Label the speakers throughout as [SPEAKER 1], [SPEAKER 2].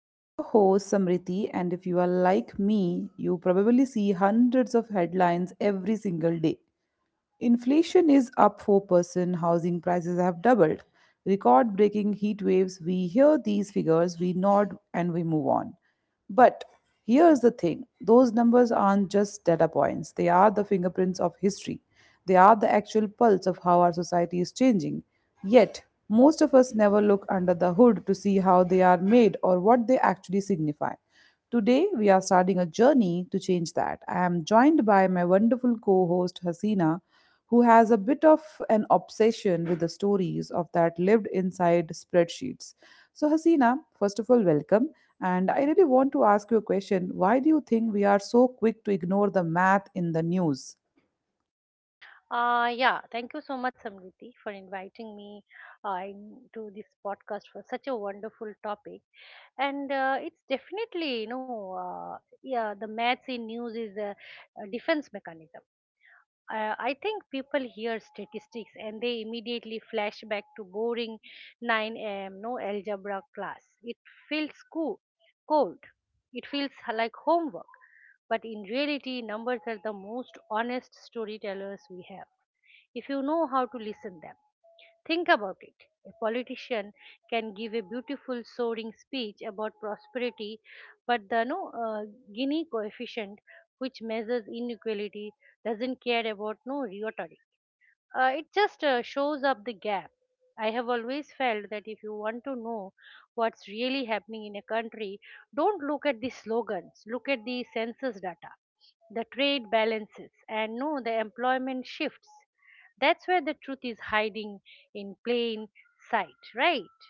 [SPEAKER 1] I'm your host, Samriti, and if you are like me, you probably see hundreds of headlines every single day. Inflation is up 4%, housing prices have doubled. Record breaking heat waves, we hear these figures, we nod and we move on. But here's the thing those numbers aren't just data points, they are the fingerprints of history. They are the actual pulse of how our society is changing. Yet, most of us never look under the hood to see how they are made or what they actually signify. Today, we are starting a journey to change that. I am joined by my wonderful co host, Hasina, who has a bit of an obsession with the stories of that lived inside spreadsheets. So, Hasina, first of all, welcome. And I really want to ask you a question. Why do you think we are so quick to ignore the math in the news?
[SPEAKER 2] Yeah, Thank you so much, Samriti, for inviting me to this podcast for such a wonderful topic. And it's definitely, the maths in news is a defense mechanism. I think people hear statistics and they immediately flash back to boring 9 a.m. no algebra class. It feels cold. It feels like homework. But in reality, numbers are the most honest storytellers we have if you know how to listen them. Think about it, a politician can give a beautiful soaring speech about prosperity, but the no uh, gini coefficient, which measures inequality, doesn't care about no rhetoric. It just shows up the gap. I have always felt that if you want to know what's really happening in a country, don't look at the slogans, look at the census data, the trade balances, and no the employment shifts. That's where the truth is hiding in plain sight, right?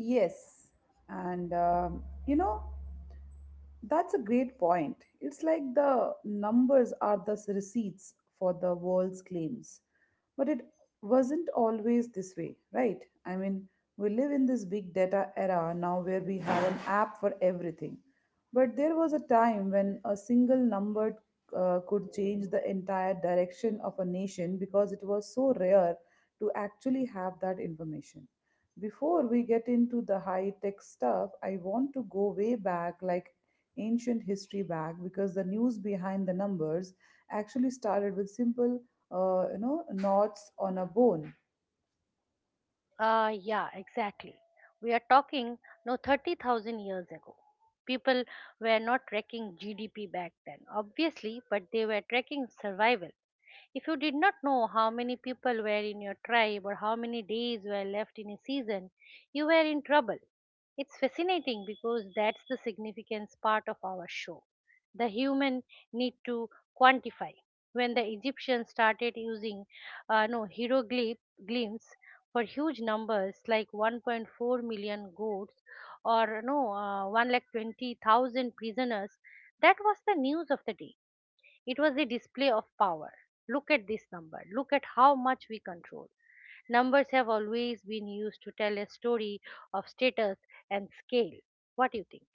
[SPEAKER 1] Yes. And that's a great point. It's like the numbers are the s- receipts for the world's claims. But it wasn't always this way, right? I mean, we live in this big data era now where we have an app for everything. But there was a time when a single number could change the entire direction of a nation because it was so rare to actually have that information. Before we get into the high tech stuff, I want to go way back, like ancient history back, because the news behind the numbers actually started with simple, knots on a bone.
[SPEAKER 2] Yeah, exactly. We are talking no 30,000 years ago. People were not tracking gdp back then, obviously, but they were tracking survival. If you did not know how many people were in your tribe or how many days were left in a season, you were in trouble. It's fascinating because that's the significance part of our show. The human need to quantify. When the Egyptians started using no hieroglyphs for huge numbers like 1.4 million goats or no 1 lakh 20,000 prisoners, that was the news of the day. It was the display of power. Look at this number. Look at how much we control. Numbers have always been used to tell a story of status and scale. What do you think?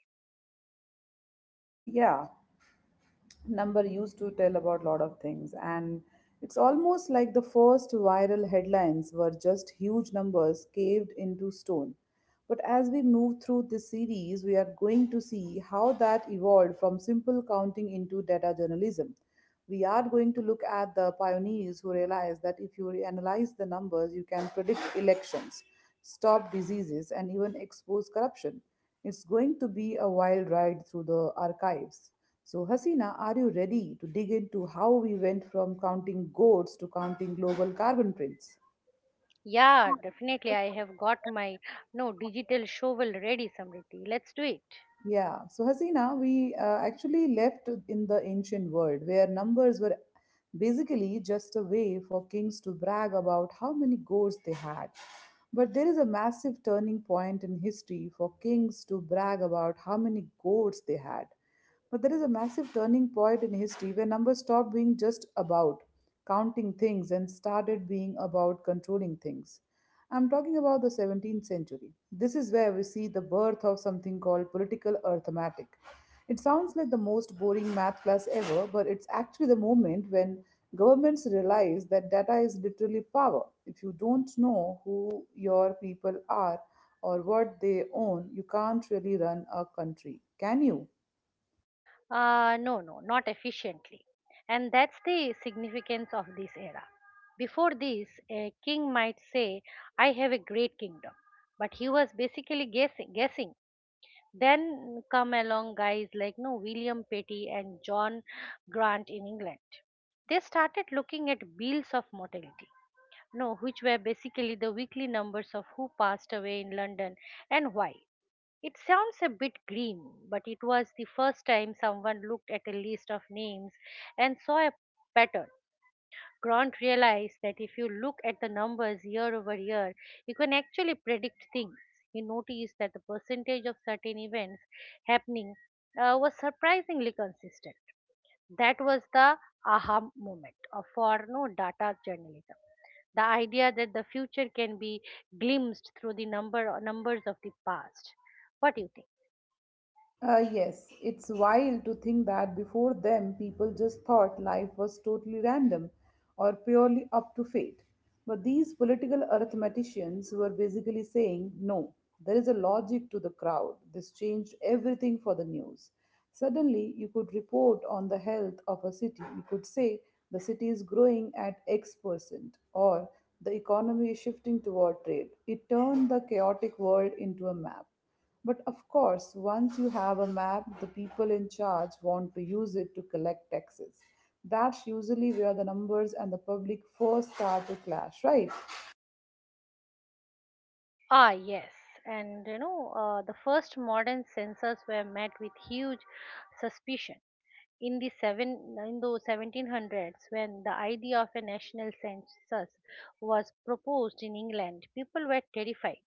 [SPEAKER 1] Yeah, number used to tell about lot of things, and it's almost like the first viral headlines were just huge numbers caved into stone. But as we move through this series, we are going to see how that evolved from simple counting into data journalism. We are going to look at the pioneers who realized that if you analyze the numbers, you can predict elections, stop diseases, and even expose corruption. It's going to be a wild ride through the archives. So, Hasina, are you ready to dig into how we went from counting goats to counting global carbon prints?
[SPEAKER 2] Yeah, definitely. I have got my no digital shovel ready, Samriti. Let's do it.
[SPEAKER 1] Yeah, so Hasina, we actually left in the ancient world where numbers were basically just a way for kings to brag about how many goats they had. But there is a massive turning point in history for kings to brag about how many goats they had. But there is a massive turning point in history where numbers stopped being just about counting things and started being about controlling things. I'm talking about the 17th century. This is where we see the birth of something called political arithmetic. It sounds like the most boring math class ever, but it's actually the moment when governments realize that data is literally power. If you don't know who your people are or what they own, you can't really run a country, can you?
[SPEAKER 2] No, no, not efficiently. And that's the significance of this era. Before this, a king might say, "I have a great kingdom." But he was basically guessing. Then come along guys like no William Petty and John Grant in England. They started looking at bills of mortality, no, which were basically the weekly numbers of who passed away in London and why. It sounds a bit grim, but it was the first time someone looked at a list of names and saw a pattern. Grant realized that if you look at the numbers year over year, you can actually predict things. He noticed that the percentage of certain events happening was surprisingly consistent. That was the aha moment of for no data journalism. The idea that the future can be glimpsed through the numbers of the past. What do you think?
[SPEAKER 1] Yes, it's wild to think that before them, people just thought life was totally random or purely up to fate. But these political arithmeticians were basically saying, no, there is a logic to the crowd. This changed everything for the news. Suddenly, you could report on the health of a city. You could say the city is growing at X percent or the economy is shifting toward trade. It turned the chaotic world into a map. But of course, once you have a map, the people in charge want to use it to collect taxes. That's usually where the numbers and the public first start to clash, right?
[SPEAKER 2] Ah, yes. The first modern censors were met with huge suspicion in the 1700s when the idea of a national census was proposed in England. People were terrified.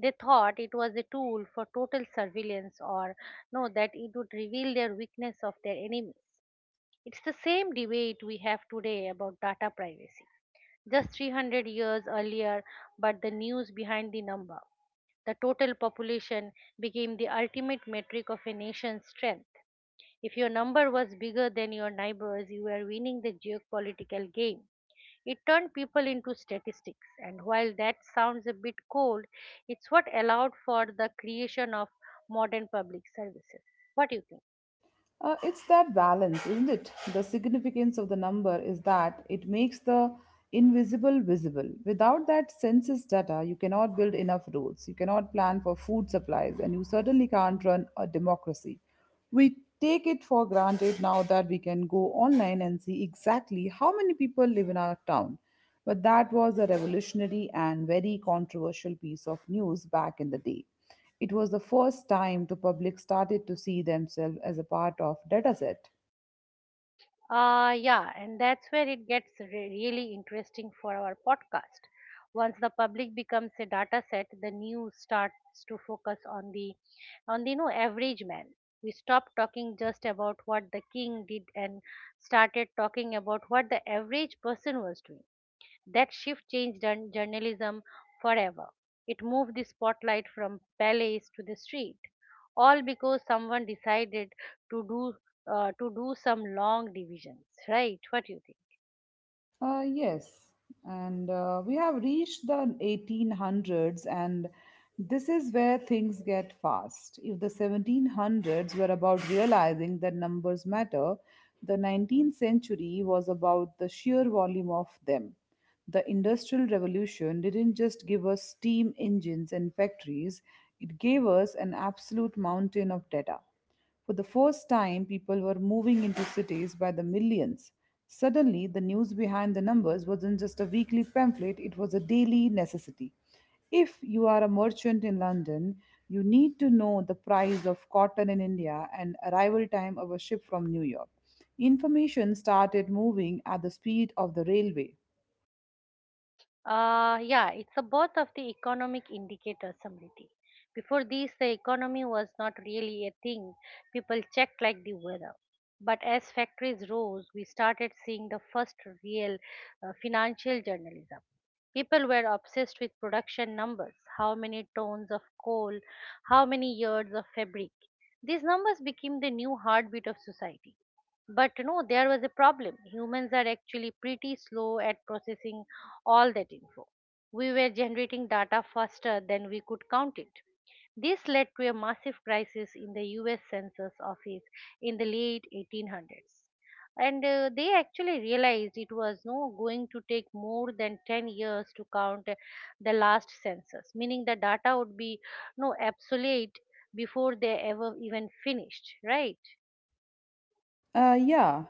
[SPEAKER 2] They thought it was a tool for total surveillance, or no, that it would reveal their weakness of their enemies. It's the same debate we have today about data privacy just 300 years earlier, but the news behind the number. The total population became the ultimate metric of a nation's strength. If your number was bigger than your neighbors, you were winning the geopolitical game. It turned people into statistics, and while that sounds a bit cold, it's what allowed for the creation of modern public services. What do you think?
[SPEAKER 1] It's that balance, isn't it? The significance of the number is that it makes the invisible visible. Without that census data, you cannot build enough roads, you cannot plan for food supplies, and you certainly can't run a democracy. We take it for granted now that we can go online and see exactly how many people live in our town. But that was a revolutionary and very controversial piece of news back in the day. It was the first time the public started to see themselves as a part of dataset.
[SPEAKER 2] Yeah, and that's where it gets really interesting for our podcast. Once the public becomes a data set, the news starts to focus on the you know average man. We stop talking just about what the king did and started talking about what the average person was doing. That shift changed journalism forever. It moved the spotlight from palace to the street, all because someone decided to do to do some long divisions. Right? What do you think?
[SPEAKER 1] Yes, and we have reached the 1800s, and this is where things get fast. If the 1700s were about realizing that numbers matter, the 19th century was about the sheer volume of them. The Industrial Revolution didn't just give us steam engines and factories, it gave us an absolute mountain of data. For the first time, people were moving into cities by the millions. Suddenly, the news behind the numbers wasn't just a weekly pamphlet, it was a daily necessity. If you are a merchant in London, you need to know the price of cotton in India and arrival time of a ship from New York. Information started moving at the speed of the railway.
[SPEAKER 2] Yeah, it's a birth of the economic indicator, Samriti. Before this, the economy was not really a thing people checked like the weather. But as factories rose, we started seeing the first real financial journalism. People were obsessed with production numbers, how many tons of coal, how many yards of fabric. These numbers became the new heartbeat of society. But you know, there was a problem. Humans are actually pretty slow at processing all that info. We were generating data faster than we could count it. This led to a massive crisis in the US Census Office in the late 1800s. And they actually realized it was no going to take more than 10 years to count the last census, meaning the data would be no obsolete before they ever even finished, right?
[SPEAKER 1] Uh, yeah,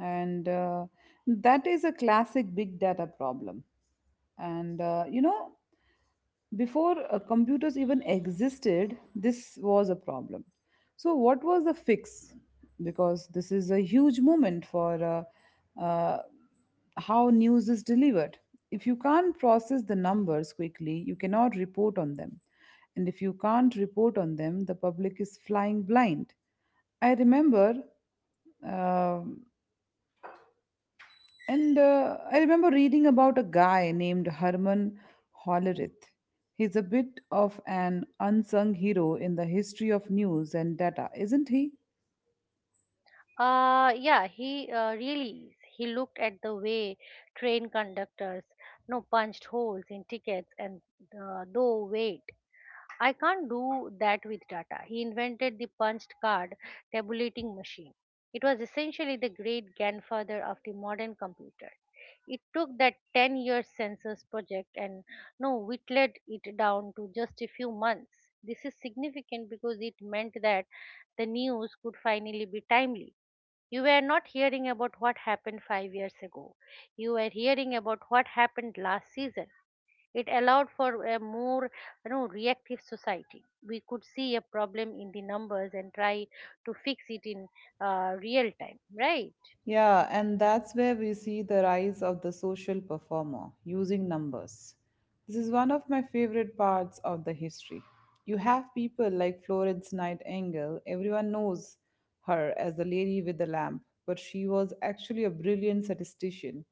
[SPEAKER 1] and uh, that is a classic big data problem. And uh, you know, Before computers even existed, this was a problem. So, what was the fix? Because this is a huge moment for uh, uh, how news is delivered. If you can't process the numbers quickly, you cannot report on them. And if you can't report on them, the public is flying blind. I remember. um I remember reading about a guy named Herman Hollerith. He's a bit of an unsung hero in the history of news and data, isn't he?
[SPEAKER 2] Yeah, he really is. He looked at the way train conductors no punched holes in tickets and though wait, I can't do that with data. He invented the punched card tabulating machine. It was essentially the great grandfather of the modern computer. It took that 10-year census project and no whittled it down to just a few months. This is significant because it meant that the news could finally be timely. You were not hearing about what happened 5 years ago. You were hearing about what happened last season. It allowed for a more you know, reactive society. We could see a problem in the numbers and try to fix it in real time, right?
[SPEAKER 1] Yeah, and that's where we see the rise of the social performer using numbers. This is one of my favorite parts of the history. You have people like Florence Nightingale, everyone knows her as the lady with the lamp, but she was actually a brilliant statistician.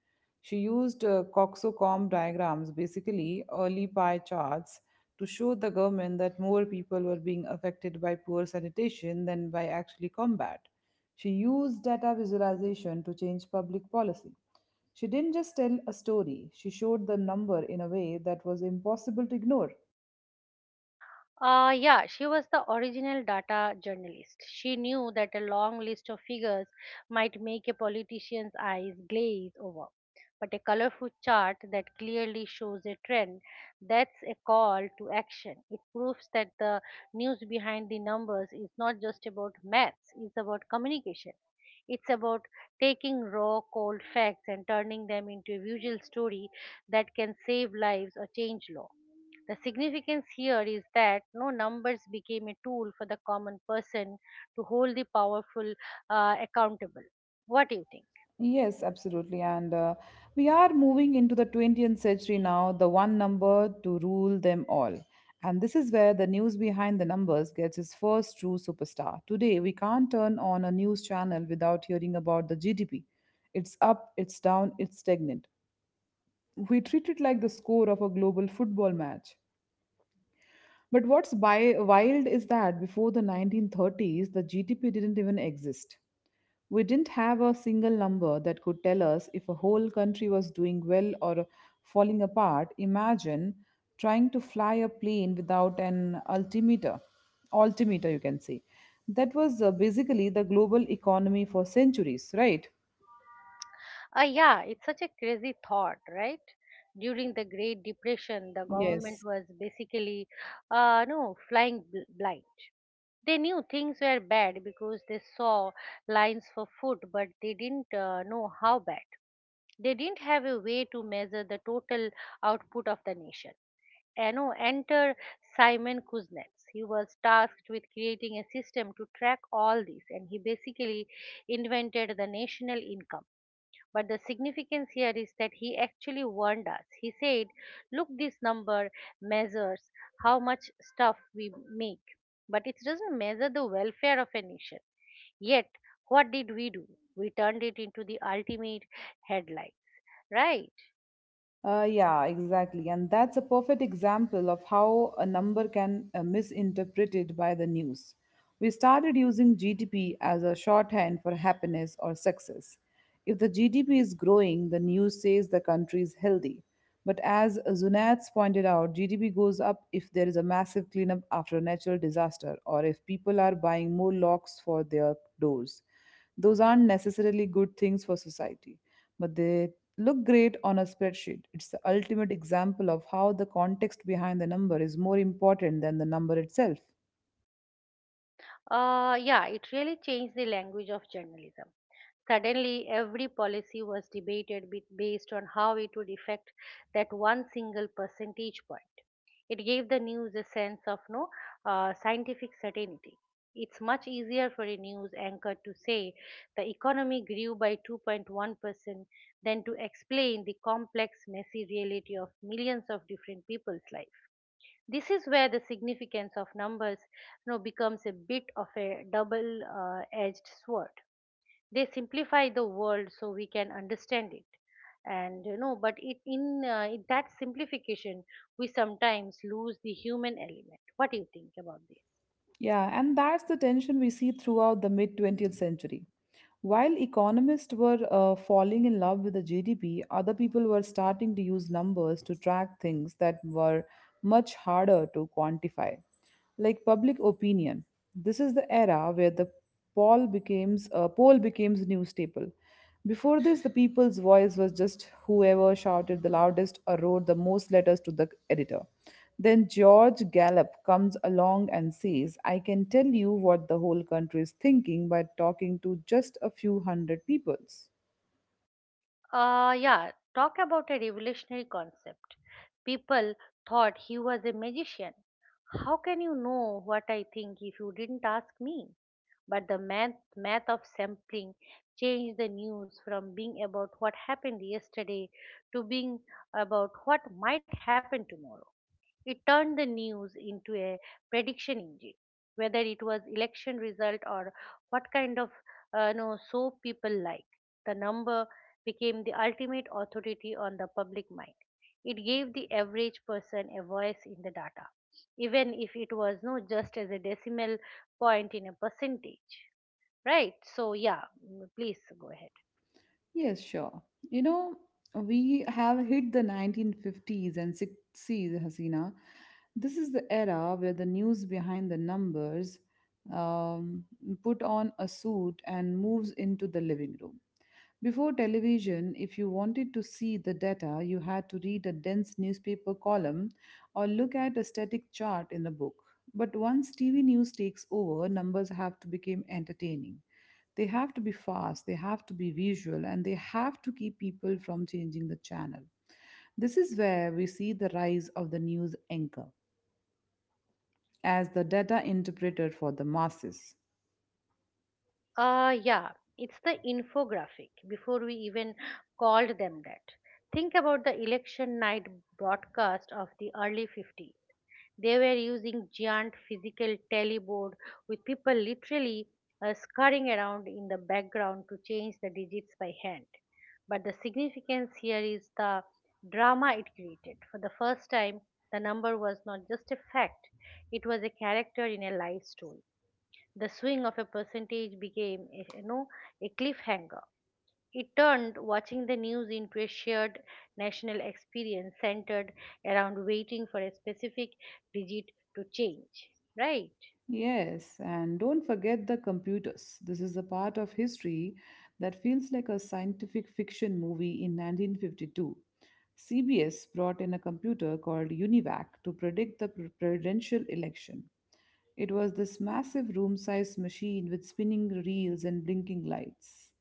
[SPEAKER 1] She used coxcomb diagrams, basically early pie charts, to show the government that more people were being affected by poor sanitation than by actually combat. She used data visualization to change public policy. She didn't just tell a story, she showed the number in a way that was impossible to ignore.
[SPEAKER 2] Yeah, she was the original data journalist. She knew that a long list of figures might make a politician's eyes glaze over. But a colorful chart that clearly shows a trend, that's a call to action. It proves that the news behind the numbers is not just about maths, it's about communication. It's about taking raw, cold facts and turning them into a visual story that can save lives or change law. The significance here is that no numbers became a tool for the common person to hold the powerful accountable. What do you think?
[SPEAKER 1] Yes, absolutely. And We are moving into the 20th century now, the one number to rule them all. And this is where the news behind the numbers gets its first true superstar. Today, we can't turn on a news channel without hearing about the GDP. It's up, it's down, it's stagnant. We treat it like the score of a global football match. But what's bi- wild is that before the 1930s, the GDP didn't even exist. We didn't have a single number that could tell us if a whole country was doing well or falling apart. Imagine trying to fly a plane without an altimeter, you can say. That was basically the global economy for centuries, right?
[SPEAKER 2] Ah, yeah, it's such a crazy thought, right? During the Great Depression, the government
[SPEAKER 1] Yes.
[SPEAKER 2] was basically, no, flying blind. They knew things were bad because they saw lines for food, but they didn't know how bad. They didn't have a way to measure the total output of the nation. Ano enter Simon Kuznets. He was tasked with creating a system to track all this, and he basically invented the national income. But the significance here is that he actually warned us. He said, "Look, this number measures how much stuff we make, but it doesn't measure the welfare of a nation." Yet, what did we do? We turned it into the ultimate headline, right?
[SPEAKER 1] Yeah, exactly. And that's a perfect example of how a number can misinterpreted by the news. We started using GDP as a shorthand for happiness or success. If the GDP is growing, the news says the country is healthy. But as Zunats pointed out, GDP goes up if there is a massive cleanup after a natural disaster or if people are buying more locks for their doors. Those aren't necessarily good things for society, but they look great on a spreadsheet. It's the ultimate example of how the context behind the number is more important than the number itself.
[SPEAKER 2] Yeah, it really changed the language of journalism. Suddenly, every policy was debated based on how it would affect that one single percentage point. It gave the news a sense of no scientific certainty. It's much easier for a news anchor to say the economy grew by 2.1% than to explain the complex, messy reality of millions of different people's lives. This is where the significance of numbers you know, becomes a bit of a double edged sword. They simplify the world so we can understand it. And you know, but in that simplification, we sometimes lose the human element. What do you think about this?
[SPEAKER 1] Yeah, and that's the tension we see throughout the mid 20th century. While economists were falling in love with the GDP, other people were starting to use numbers to track things that were much harder to quantify, like public opinion. This is the era where the poll becomes new staple. Before this, the people's voice was just whoever shouted the loudest or wrote the most letters to the editor. Then George Gallup comes along and says, I can tell you what the whole country is thinking by talking to just a few hundred peoples.
[SPEAKER 2] Yeah, Talk about a revolutionary concept. People thought he was a magician. How can you know what I think if you didn't ask me? But the math of sampling changed the news from being about what happened yesterday to being about what might happen tomorrow. It turned the news into a prediction engine, whether it was election result or what kind of no soap people like. The number became the ultimate authority on the public mind. It gave the average person a voice in the data, even if it was not just as a decimal point in a percentage. Right. So, yeah, mm, please go ahead.
[SPEAKER 1] Yes, sure. You know, we have hit the 1950s and 60s, Hasina. This is the era where the news behind the numbers um, put on a suit and moves into the living room. Before television, if you wanted to see the data, you had to read a dense newspaper column or look at a static chart in a book. But once TV news takes over, numbers have to become entertaining. They have to be fast, they have to be visual, and they have to keep people from changing the channel. This is where we see the rise of the news anchor as the data interpreter for the masses.
[SPEAKER 2] Uh, yeah, it's the infographic before we even called them that. Think about the election night broadcast of the early 50s. They were using giant physical teleboard with people literally scurrying around in the background to change the digits by hand. But the significance here is the drama it created. For the first time, the number was not just a fact, it was a character in a life story. The swing of a percentage became, a cliffhanger. It turned watching the news into a shared national experience centered around waiting for a specific digit to change. Right?
[SPEAKER 1] Yes, and don't forget the computers. This is a part of history that feels like a scientific fiction movie in 1952. CBS brought in a computer called UNIVAC to predict the pre- presidential election. It was this massive room sized machine with spinning reels and blinking lights.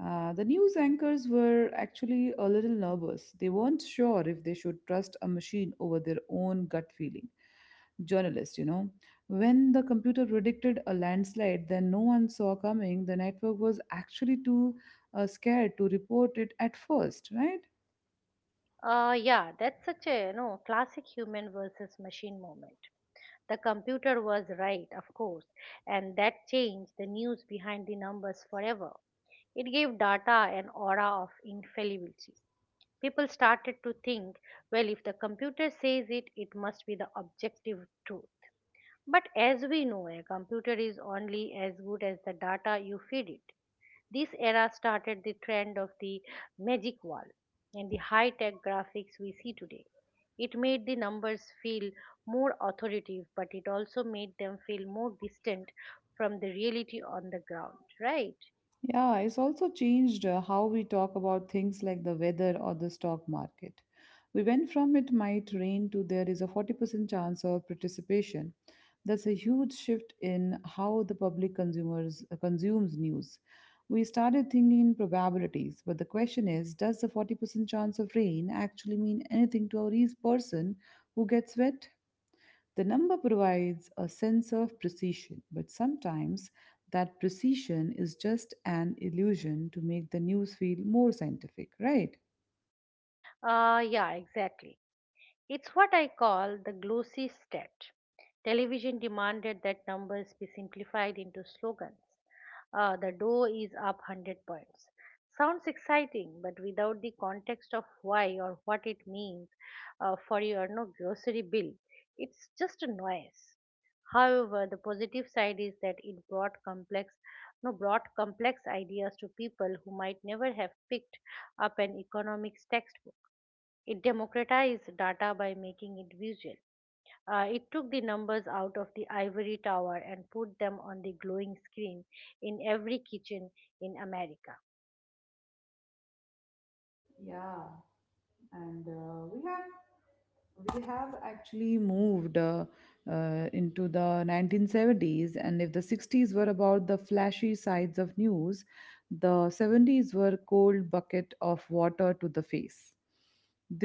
[SPEAKER 1] The news anchors were actually a little nervous. They weren't sure if they should trust a machine over their own gut feeling. Journalists, When the computer predicted a landslide that no one saw coming, the network was actually too scared to report it at first, right?
[SPEAKER 2] Yeah, that's such a you know classic human versus machine moment. The computer was right, of course, and that changed the news behind the numbers forever. It gave data an aura of infallibility. People started to think, well, if the computer says it, it must be the objective truth. But as we know, a computer is only as good as the data you feed it. This era started the trend of the magic wall and the high tech graphics we see today. It made the numbers feel more authoritative, but it also made them feel more distant from the reality on the ground, right?
[SPEAKER 1] Yeah, it's also changed how we talk about things like the weather or the stock market. We went from "it might rain" to "there is a 40% chance of participation." That's a huge shift in how the public consumers consumes news. We started thinking in probabilities, but the question is, does the 40% chance of rain actually mean anything to a person who gets wet? The number provides a sense of precision, but sometimes that precision is just an illusion to make the news feel more scientific, right?
[SPEAKER 2] Yeah, exactly. It's what I call the glossy stat. Television demanded that numbers be simplified into slogans. The Dow is up 100 points. Sounds exciting, but without the context of why or what it means for your no grocery bill, it's just a noise. However, the positive side is that it brought complex, no, brought complex ideas to people who might never have picked up an economics textbook. It democratized data by making it visual. It took the numbers out of the ivory tower and put them on the glowing screen in every kitchen in America.
[SPEAKER 1] Yeah. And we have actually moved into the 1970s. And if the 60s were about the flashy sides of news, the 70s were cold bucket of water to the face.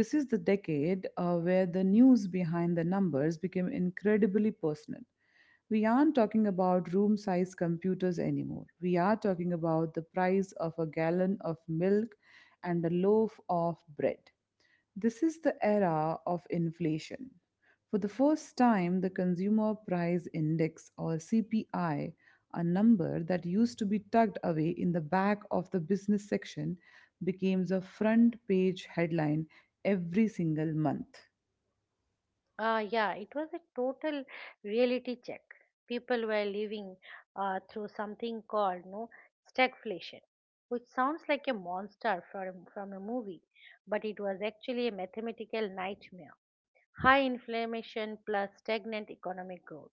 [SPEAKER 1] This is the decade where the news behind the numbers became incredibly personal. We aren't talking about room size computers anymore. We are talking about the price of a gallon of milk and a loaf of bread. This is the era of inflation. For the first time, the Consumer Price Index, or CPI, a number that used to be tucked away in the back of the business section, becomes a front page headline every single month.
[SPEAKER 2] Yeah, it was a total reality check. People were living through something called no stagflation, which sounds like a monster from a movie, but it was actually a mathematical nightmare. High inflammation plus stagnant economic growth.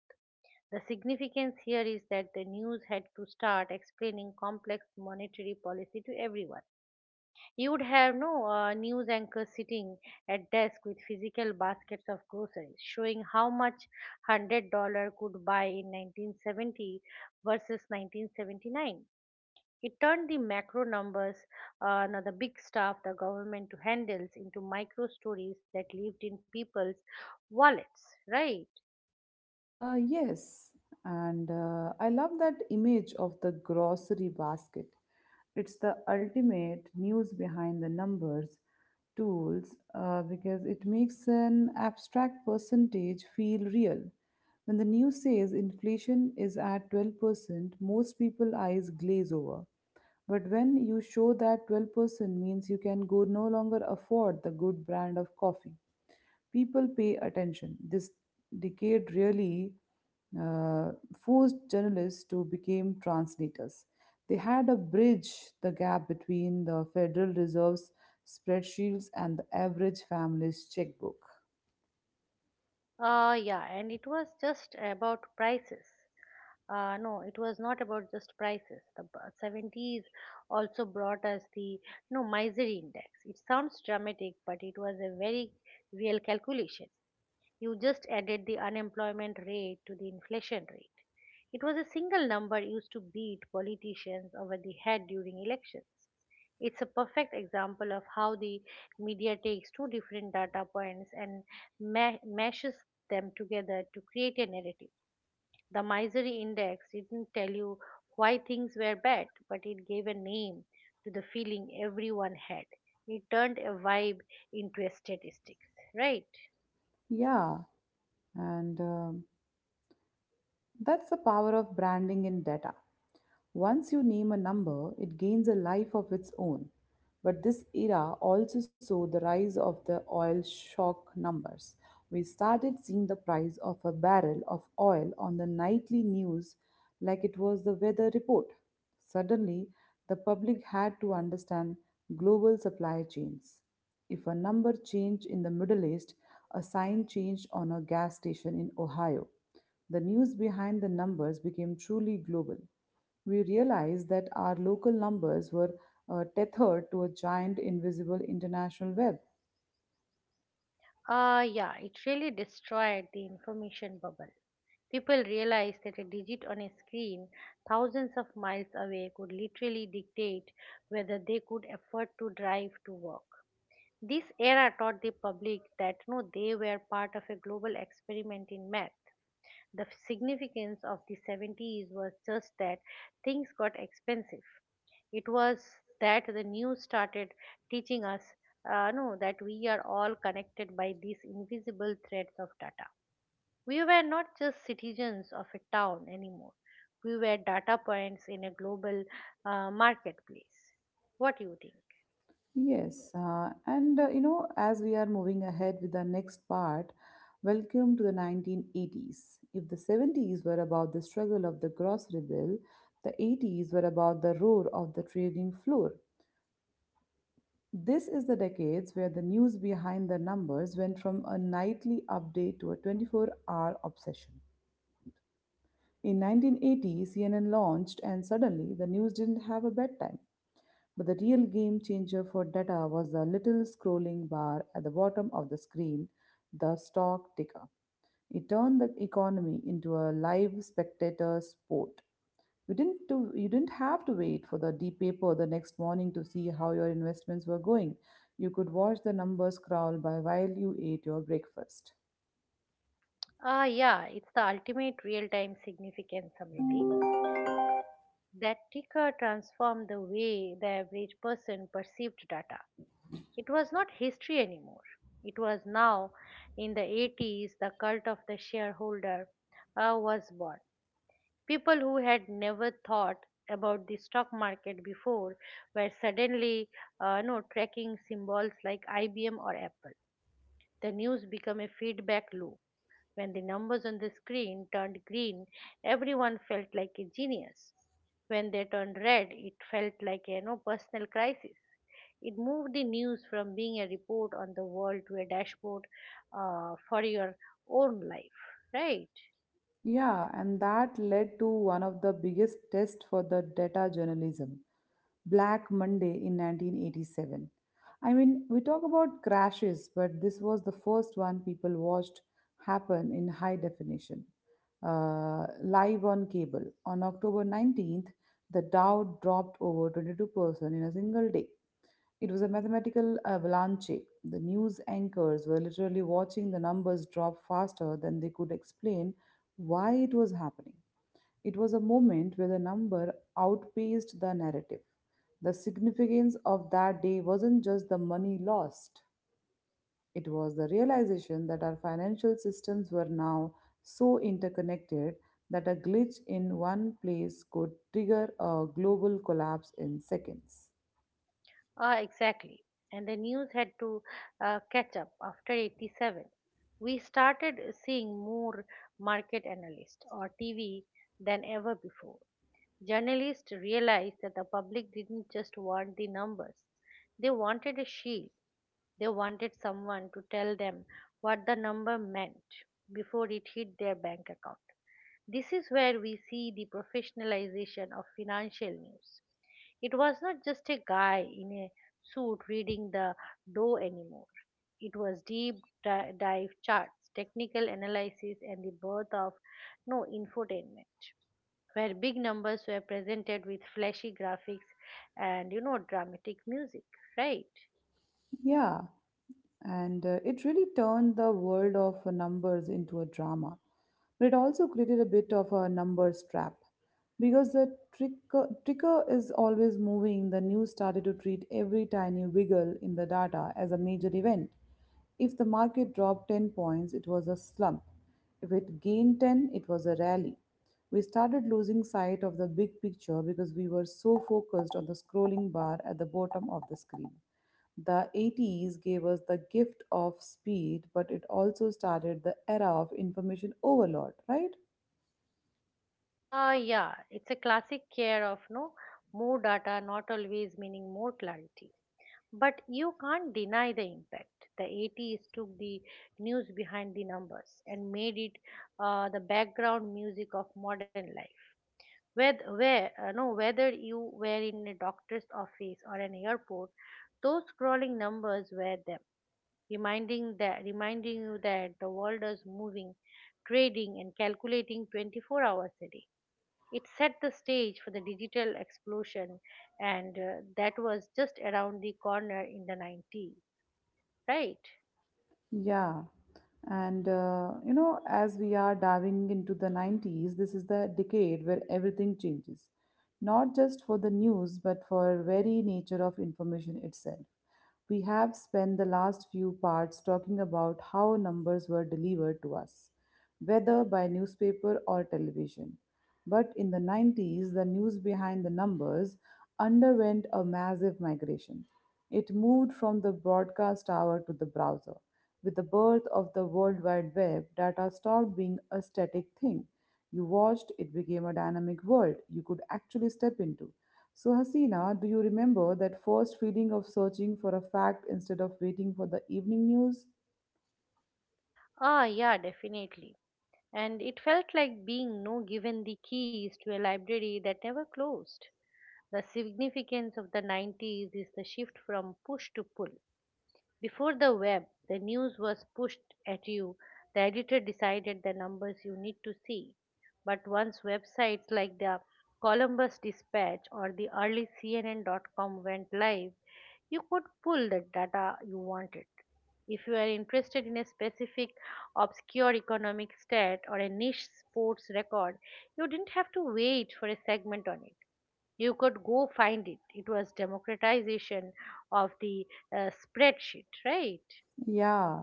[SPEAKER 2] The significance here is that the news had to start explaining complex monetary policy to everyone. You would have no news anchor sitting at desk with physical baskets of groceries, showing how much $100 could buy in 1970 versus 1979. It turned the macro numbers, now the big stuff the government handles, into micro stories that lived in people's wallets. Right?
[SPEAKER 1] Yes, and I love that image of the grocery basket. It's the ultimate news behind the numbers tools because it makes an abstract percentage feel real. When the news says inflation is at 12%, most people eyes glaze over. But when you show that 12% means you can go no longer afford the good brand of coffee, people pay attention. This decade really uh, forced journalists to become translators. They had to bridge the gap between the Federal Reserve's spreadsheets and the average family's checkbook.
[SPEAKER 2] Yeah, and it was just about prices. No, it was not about just prices. The 70s also brought us the no misery index. It sounds dramatic, but it was a very real calculation. You just added the unemployment rate to the inflation rate. It was a single number used to beat politicians over the head during elections. It's a perfect example of how the media takes two different data points and mashes them together to create a narrative. The misery index didn't tell you why things were bad, but it gave a name to the feeling everyone had. It turned a vibe into a statistics, right?
[SPEAKER 1] Yeah, and that's the power of branding in data. Once you name a number, it gains a life of its own. But this era also saw the rise of the oil shock numbers. We started seeing the price of a barrel of oil on the nightly news like it was the weather report. Suddenly, the public had to understand global supply chains. If a number changed in the Middle East, a sign changed on a gas station in Ohio. The news behind the numbers became truly global. We realized that our local numbers were tethered to a giant invisible international web.
[SPEAKER 2] Yeah, it really destroyed the information bubble. People realized that a digit on a screen thousands of miles away could literally dictate whether they could afford to drive to work. This era taught the public that no, they were part of a global experiment in math. The significance of the 70s was just that things got expensive. It was that the news started teaching us no, that we are all connected by these invisible threads of data. We were not just citizens of a town anymore. We were data points in a global marketplace. What do you think?
[SPEAKER 1] Yes, as we are moving ahead with the next part, welcome to the 1980s. If the 70s were about the struggle of the grocery bill, the 80s were about the roar of the trading floor. This is the decades where the news behind the numbers went from a nightly update to a 24-hour obsession. In 1980, CNN launched, and suddenly the news didn't have a bedtime. But the real game changer for data was the little scrolling bar at the bottom of the screen, the stock ticker. It turned the economy into a live spectator sport. You didn't have to wait for the deep paper the next morning to see how your investments were going. You could watch the numbers crawl by while you ate your breakfast.
[SPEAKER 2] Yeah, it's the ultimate real time significance, Samriti. That ticker transformed the way the average person perceived data. It was not history anymore. It was now, in the 80s, the cult of the shareholder was born. People who had never thought about the stock market before were suddenly no, tracking symbols like IBM or Apple. The news became a feedback loop. When the numbers on the screen turned green, everyone felt like a genius. When they turned red, it felt like a no personal crisis. It moved the news from being a report on the world to a dashboard for your own life, right?
[SPEAKER 1] Yeah, and that led to one of the biggest tests for the data journalism, Black Monday in 1987. I mean, we talk about crashes, but this was the first one people watched happen in high definition. Live on cable. On October 19th, the Dow dropped over 22% in a single day. It was a mathematical avalanche. The news anchors were literally watching the numbers drop faster than they could explain why it was happening. It was a moment where the number outpaced the narrative. The significance of that day wasn't just the money lost, it was the realization that our financial systems were now so interconnected that a glitch in one place could trigger a global collapse in seconds.
[SPEAKER 2] Ah, exactly. And the news had to catch up after 87. We started seeing more market analysts or TV than ever before. Journalists realized that the public didn't just want the numbers, they wanted a shield. They wanted someone to tell them what the number meant before it hit their bank account. This is where we see the professionalization of financial news. It was not just a guy in a suit reading the dough anymore. It was deep dive charts, technical analysis, and the birth of no infotainment where big numbers were presented with flashy graphics and dramatic music, right?
[SPEAKER 1] Yeah, and it really turned the world of numbers into a drama. But it also created a bit of a numbers trap because tricker is always moving. The news started to treat every tiny wiggle in the data as a major event. If the market dropped 10 points, it was a slump. If it gained 10, it was a rally. We started losing sight of the big picture because we were so focused on the scrolling bar at the bottom of the screen. The 80s gave us the gift of speed, but it also started the era of information overload, right?
[SPEAKER 2] Yeah, it's a classic care of more data not always meaning more clarity, but you can't deny the impact. The 80s took the news behind the numbers and made it the background music of modern life, whether where no whether you were in a doctor's office or an airport, those scrolling numbers were there reminding you that the world is moving, trading and calculating 24 hours a day. It set the stage for the digital explosion, and that was just around the corner in the 90s, right?
[SPEAKER 1] Yeah. And, as we are diving into the 90s, this is the decade where everything changes, not just for the news, but for very nature of information itself. We have spent the last few parts talking about how numbers were delivered to us, whether by newspaper or television. But in the 90s, the news behind the numbers underwent a massive migration. It moved from the broadcast tower to the browser. With the birth of the World Wide Web, data stopped being a static thing. You watched, it became a dynamic world you could actually step into. So, Hasina, do you remember that first feeling of searching for a fact instead of waiting for the evening news?
[SPEAKER 2] Yeah, definitely. And it felt like being no given the keys to a library that never closed. The significance of the 90s is the shift from push to pull. Before the web, the news was pushed at you. The editor decided the numbers you need to see. But once websites like the Columbus Dispatch or the early CNN.com went live, you could pull the data you wanted. If you are interested in a specific obscure economic stat or a niche sports record, you didn't have to wait for a segment on it. You could go find it. It was democratization of the spreadsheet, right?
[SPEAKER 1] Yeah.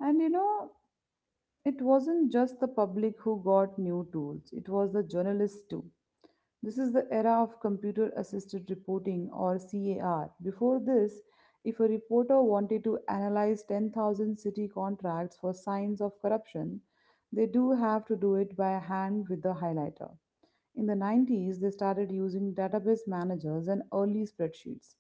[SPEAKER 1] And it wasn't just the public who got new tools, it was the journalists too. This is the era of computer assisted reporting, or CAR. Before this, if a reporter wanted to analyze 10,000 city contracts for signs of corruption, they do have to do it by hand with the highlighter. In the 90s, they started using database managers and early spreadsheets.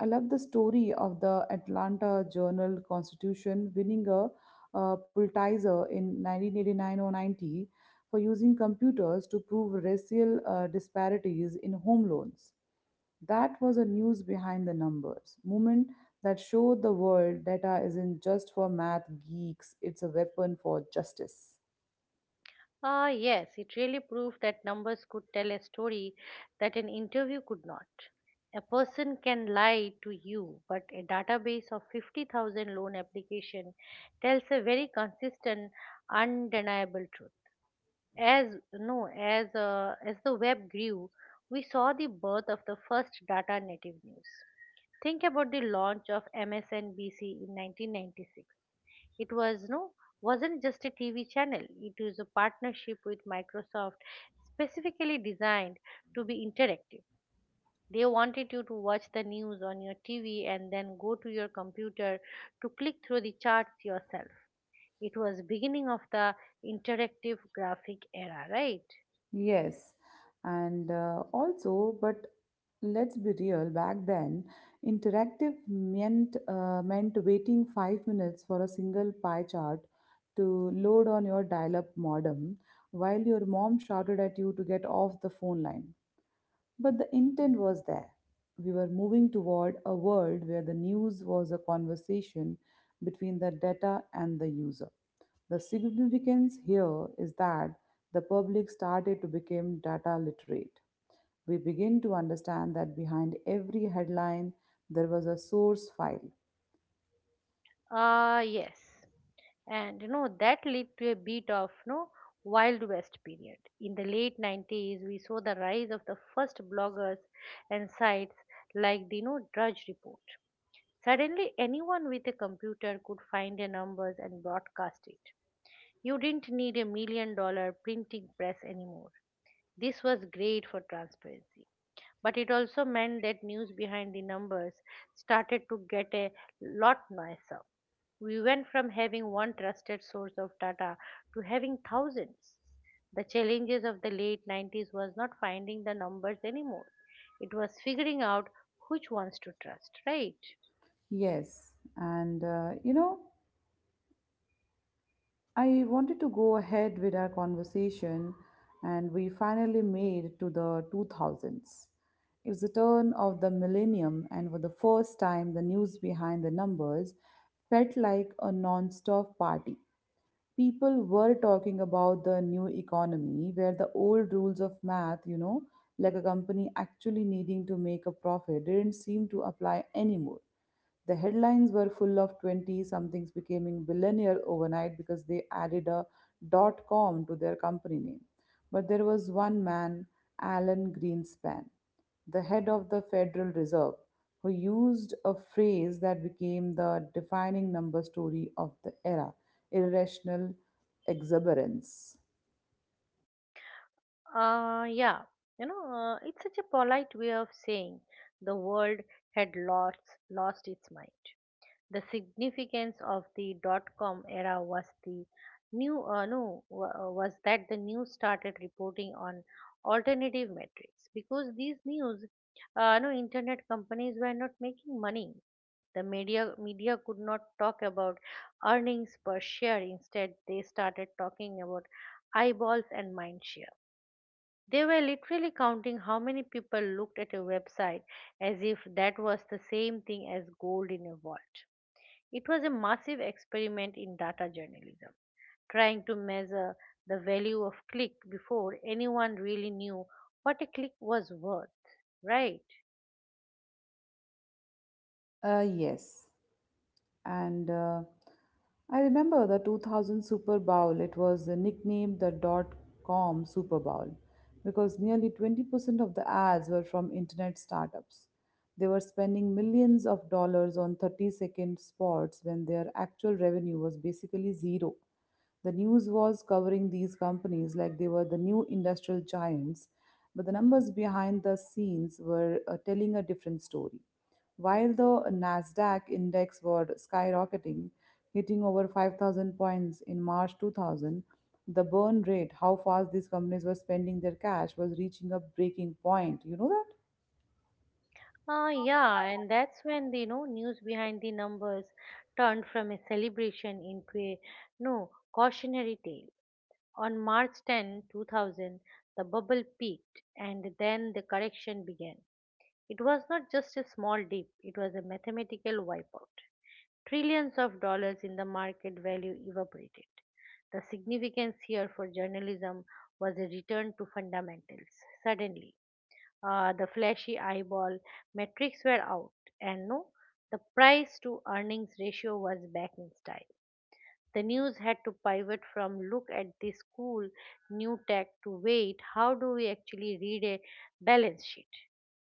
[SPEAKER 1] I love the story of the Atlanta Journal Constitution winning a Pulitzer in 1989 or 90 for using computers to prove racial disparities in home loans. That was a news behind the numbers movement that showed the world data isn't just for math geeks, it's a weapon for justice.
[SPEAKER 2] Ah, yes, it really proved that numbers could tell a story that an interview could not. A person can lie to you, but a database of 50,000 loan application tells a very consistent undeniable truth. As no as uh, as the web grew, we saw the birth of the first data native news. Think about the launch of MSNBC in 1996. It wasn't just a TV channel. It was a partnership with Microsoft specifically designed to be interactive. They wanted you to watch the news on your TV and then go to your computer to click through the charts yourself. It was beginning of the interactive graphic era, right?
[SPEAKER 1] Yes, and also, but let's be real, back then, interactive meant meant waiting 5 minutes for a single pie chart to load on your dial-up modem while your mom shouted at you to get off the phone line. But the intent was there. We were moving toward a world where the news was a conversation between the data and the user. The significance here is that the public started to become data literate. We begin to understand that behind every headline there was a source file.
[SPEAKER 2] Ah, yes. And that led to a bit of wild west period in the late 90s. We saw the rise of the first bloggers and sites like the drudge report. Suddenly anyone with a computer could find the numbers and broadcast it. You didn't need a $1 million printing press anymore. This was great for transparency, but it also meant that news behind the numbers started to get a lot nicer. We went from having one trusted source of data to having thousands. The challenges of the late 90s was not finding the numbers anymore. It was figuring out which ones to trust, right?
[SPEAKER 1] Yes, and I wanted to go ahead with our conversation, and we finally made to the 2000s. It's the turn of the millennium, and for the first time, the news behind the numbers felt like a non stop party. People were talking about the new economy where the old rules of math, like a company actually needing to make a profit, didn't seem to apply anymore. The headlines were full of 20 somethings becoming billionaire overnight because they added .com to their company name. But there was one man, Alan Greenspan, the head of the Federal Reserve, who used a phrase that became the defining number story of the era: irrational exuberance.
[SPEAKER 2] Yeah, it's such a polite way of saying the world had lost its mind. The significance of .com era was the new no wa- was that the news started reporting on alternative metrics because these news no internet companies were not making money. The media could not talk about earnings per share. Instead, they started talking about eyeballs and mind share. They were literally counting how many people looked at a website as if that was the same thing as gold in a vault. It was a massive experiment in data journalism, trying to measure the value of click before anyone really knew what a click was worth. Right.
[SPEAKER 1] Yes. And I remember the 2000 Super Bowl, it was nicknamed the .com Super Bowl because nearly 20% of the ads were from internet startups. They were spending millions of dollars on 30-second spots when their actual revenue was basically zero. The news was covering these companies like they were the new industrial giants, but the numbers behind the scenes were telling a different story. While the Nasdaq index was skyrocketing, hitting over 5000 points in March 2000, the burn rate, how fast these companies were spending their cash was reaching a breaking point. You know that?
[SPEAKER 2] Yeah, and that's when the news behind the numbers turned from a celebration into a no cautionary tale. On March 10, 2000, the bubble peaked, and then the correction began. It was not just a small dip; it was a mathematical wipeout. Trillions of dollars in the market value evaporated. The significance here for journalism was a return to fundamentals. Suddenly, the flashy eyeball metrics were out, and no, the price to earnings ratio was back in style. The news had to pivot from look at this cool new tech to wait, how do we actually read a balance sheet,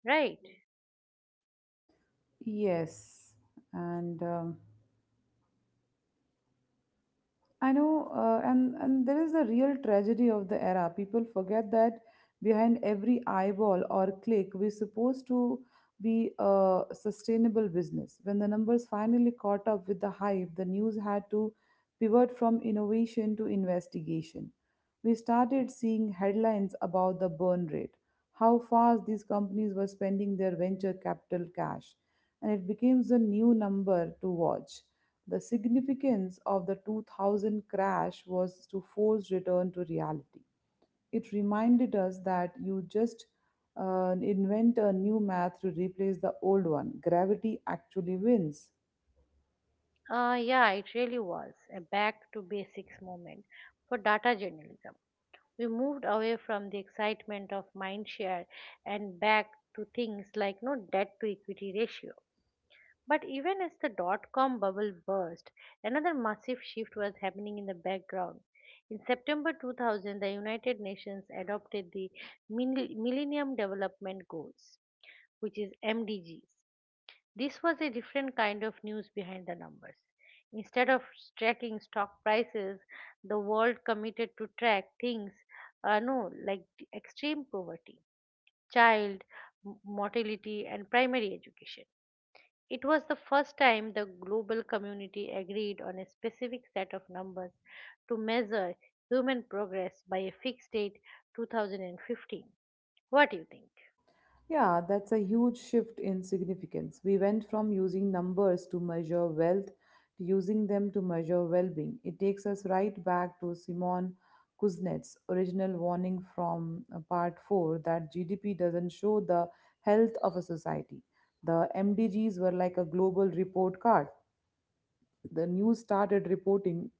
[SPEAKER 2] right?
[SPEAKER 1] Yes. And I know, and there is the real tragedy of the era. People forget that behind every eyeball or click, we're supposed to be a sustainable business. When the numbers finally caught up with the hype, the news had to pivot from innovation to investigation. We started seeing headlines about the burn rate, how fast these companies were spending their venture capital cash, and it became the new number to watch. The significance of the 2000 crash was to force return to reality. It reminded us that you just invent a new math to replace the old one. Gravity actually wins.
[SPEAKER 2] Yeah, it really was a back to basics moment for data journalism. We moved away from the excitement of mindshare and back to things like no debt to equity ratio. But even as .com bubble burst, another massive shift was happening in the background. In September 2000, the United Nations adopted the Millennium Development Goals, which is MDGs. This was a different kind of news behind the numbers. Instead of tracking stock prices, the world committed to track things, no, like the extreme poverty, child mortality, and primary education. It was the first time the global community agreed on a specific set of numbers to measure human progress by a fixed date, 2015. What do you think?
[SPEAKER 1] Yeah, that's a huge shift in significance. We went from using numbers to measure wealth to using them to measure well being. It takes us right back to Simon Kuznets' original warning from part 4 that GDP doesn't show the health of a society. The MDGs were like a global report card. The news started reporting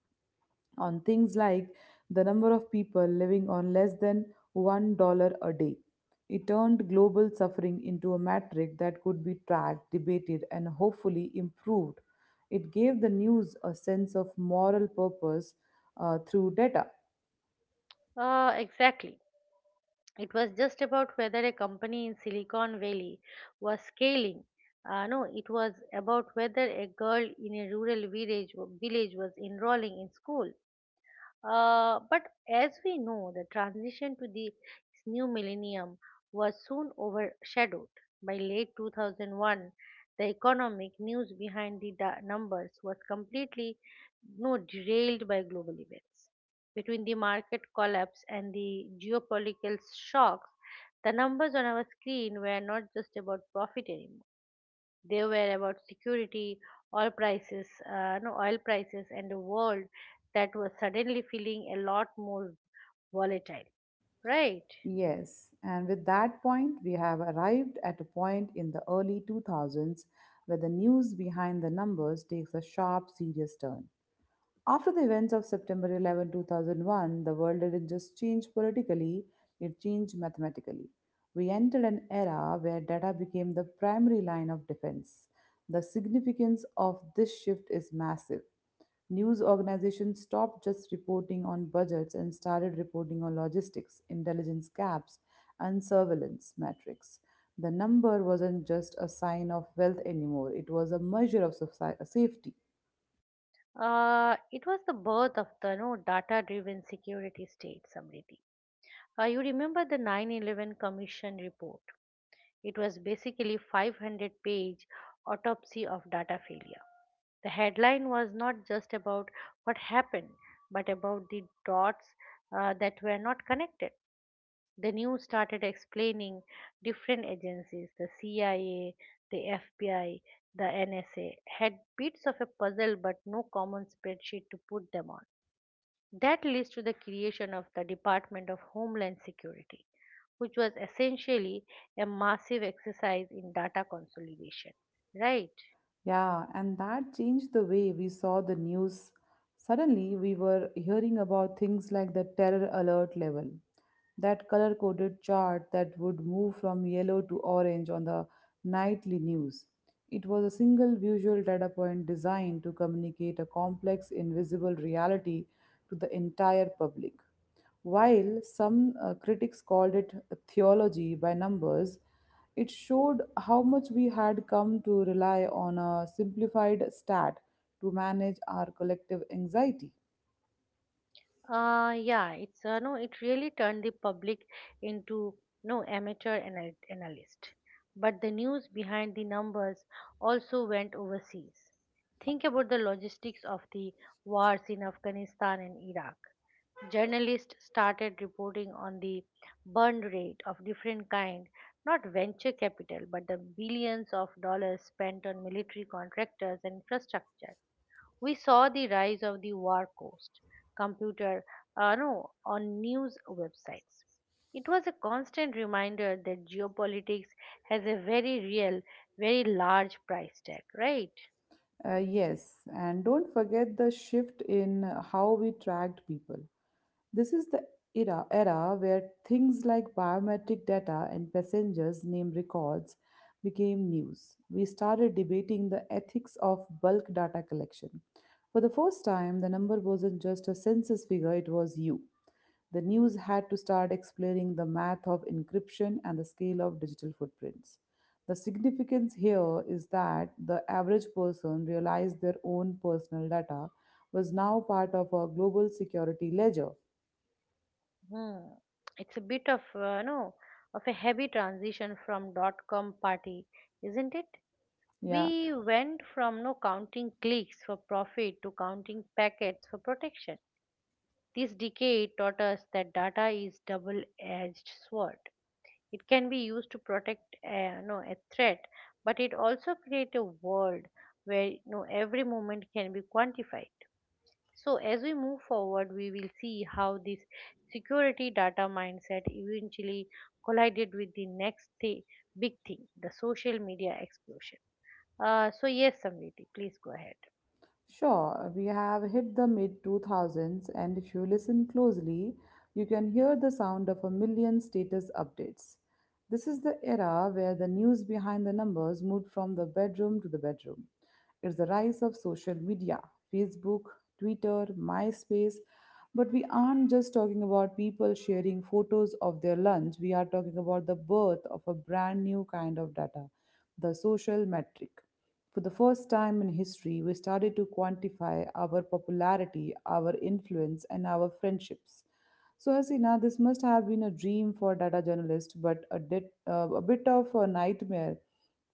[SPEAKER 1] on things like the number of people living on less than $1 a day. It turned global suffering into a metric that could be tracked, debated, and hopefully improved. It gave the news a sense of moral purpose through data.
[SPEAKER 2] Exactly. It was just about whether a company in Silicon Valley was scaling. No, it was about whether a girl in a rural village was enrolling in school. But as we know, the transition to the new millennium was soon overshadowed. By late 2001, the economic news behind the numbers was completely no, derailed by global events. Between the market collapse and the geopolitical shocks, the numbers on our screen were not just about profit anymore. They were about security, oil prices, no oil prices, and a world that was suddenly feeling a lot more volatile. Right.
[SPEAKER 1] Yes, and with that point, we have arrived at a point in the early 2000s where the news behind the numbers takes a sharp, serious turn. After the events of September 11, 2001, the world didn't just change politically, it changed mathematically. We entered an era where data became the primary line of defense. The significance of this shift is massive. News organizations stopped just reporting on budgets and started reporting on logistics, intelligence gaps, and surveillance metrics. The number wasn't just a sign of wealth anymore, it was a measure of safety.
[SPEAKER 2] It was the birth of the no data-driven security state, Samriti. You remember the 9/11 Commission report. It was basically 500-page autopsy of data failure. The headline was not just about what happened, but about the dots that were not connected. The news started explaining different agencies, the CIA, the FBI, the NSA, had bits of a puzzle but no common spreadsheet to put them on. That leads to the creation of the Department of Homeland Security, which was essentially a massive exercise in data consolidation, right?
[SPEAKER 1] Yeah, and that changed the way we saw the news. Suddenly, we were hearing about things like the terror alert level, that color coded chart that would move from yellow to orange on the nightly news. It was a single visual data point designed to communicate a complex, invisible reality to the entire public. While some critics called it theology by numbers, it showed how much we had come to rely on a simplified stat to manage our collective anxiety.
[SPEAKER 2] Yeah, it's no it really turned the public into no amateur analyst, but the news behind the numbers also went overseas. Think about the logistics of the wars in Afghanistan and Iraq. Journalists started reporting on the burn rate of different kind, not venture capital, but the billions of dollars spent on military contractors and infrastructure. We saw the rise of the war cost computer no, on news websites. It was a constant reminder that geopolitics has a very real, very large price tag, right?
[SPEAKER 1] Yes, and don't forget the shift in how we tracked people. This is the era where things like biometric data and passengers' name records became news. We started debating the ethics of bulk data collection. For the first time, the number wasn't just a census figure, it was you. The news had to start explaining the math of encryption and the scale of digital footprints. The significance here is that the average person realized their own personal data was now part of a global security ledger.
[SPEAKER 2] Hmm. It's a bit of no of a heavy transition from dot com party, isn't it?
[SPEAKER 1] Yeah,
[SPEAKER 2] We went from no counting clicks for profit to counting packets for protection. This decade taught us that data is double-edged sword. It can be used to protect no a threat, but it also creates a world where no every moment can be quantified. So, as we move forward, we will see how this security data mindset eventually collided with the next big thing, the social media explosion. So, yes, Samriti, please go ahead.
[SPEAKER 1] sure. We have hit the mid 2000s, and if you listen closely, you can hear the sound of a million status updates. This is the era where the news behind the numbers moved from the bedroom to the bedroom. It's the rise of social media: Facebook, Twitter, MySpace. But we aren't just talking about people sharing photos of their lunch, we are talking about the birth of a brand new kind of data, the social metric. For the first time in history, we started to quantify our popularity, our influence, and our friendships. So, Hasina, this must have been a dream for data journalists, but a bit of a nightmare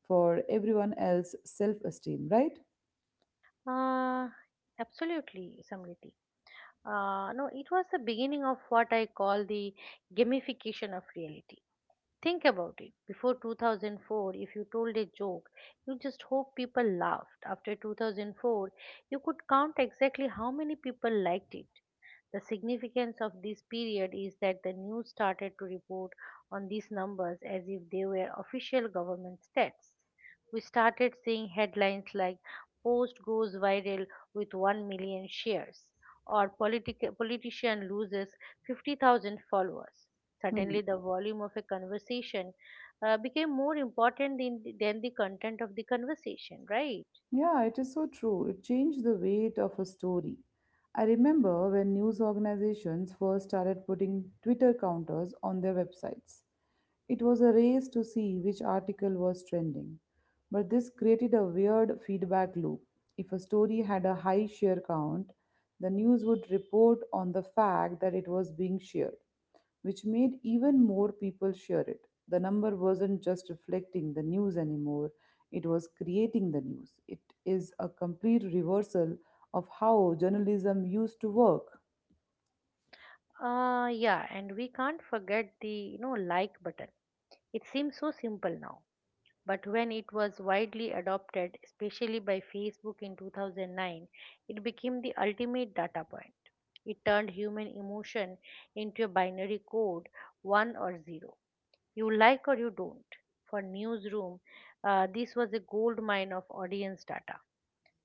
[SPEAKER 1] for everyone else's self esteem, right?
[SPEAKER 2] Uh, Absolutely, Samriti. No, It was the beginning of what I call the gamification of reality. Think about it. Before 2004, if you told a joke, you just hope people laughed. After 2004, you could count exactly how many people liked it. The significance of this period is that the news started to report on these numbers as if they were official government stats. We started seeing headlines like post goes viral with 1 million shares, or politician loses 50,000 followers.
[SPEAKER 1] Hmm.
[SPEAKER 2] Suddenly, the volume of a conversation became more important than the content of the conversation, right?
[SPEAKER 1] Yeah, it is so true. It changed the weight of a story. I remember when news organizations first started putting Twitter counters on their websites. It was a race to see which article was trending. But this created a weird feedback loop. If a story had a high share count, the news would report on the fact that it was being shared, which made even more people share it. The number wasn't just reflecting the news anymore, it was creating the news. It is a complete reversal of how journalism used to work.
[SPEAKER 2] Yeah, and we can't forget the like button. It seems so simple now, but when it was widely adopted, especially by Facebook in 2009, it became the ultimate data point. It turned human emotion into a binary code, 1 or 0. You like or you don't. For Newsroom, this was a gold mine of audience data.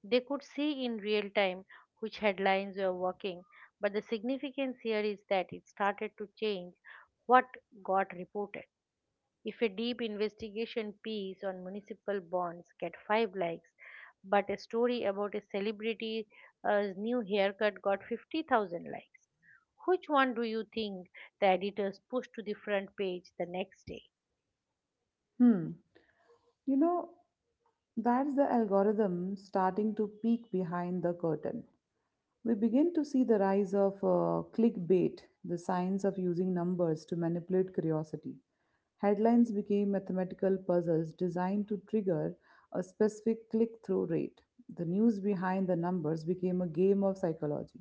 [SPEAKER 2] They could see in real time which headlines were working, but the significance here is that it started to change what got reported. If a deep investigation piece on municipal bonds get 5 likes, but a story about a celebrity's new haircut got 50,000 likes, which one do you think the editors push to the front page the next day?
[SPEAKER 1] Hmm. You know, that's the algorithm starting to peek behind the curtain. We begin to see the rise of clickbait, the science of using numbers to manipulate curiosity. Headlines became mathematical puzzles designed to trigger a specific click through rate. The news behind the numbers became a game of psychology.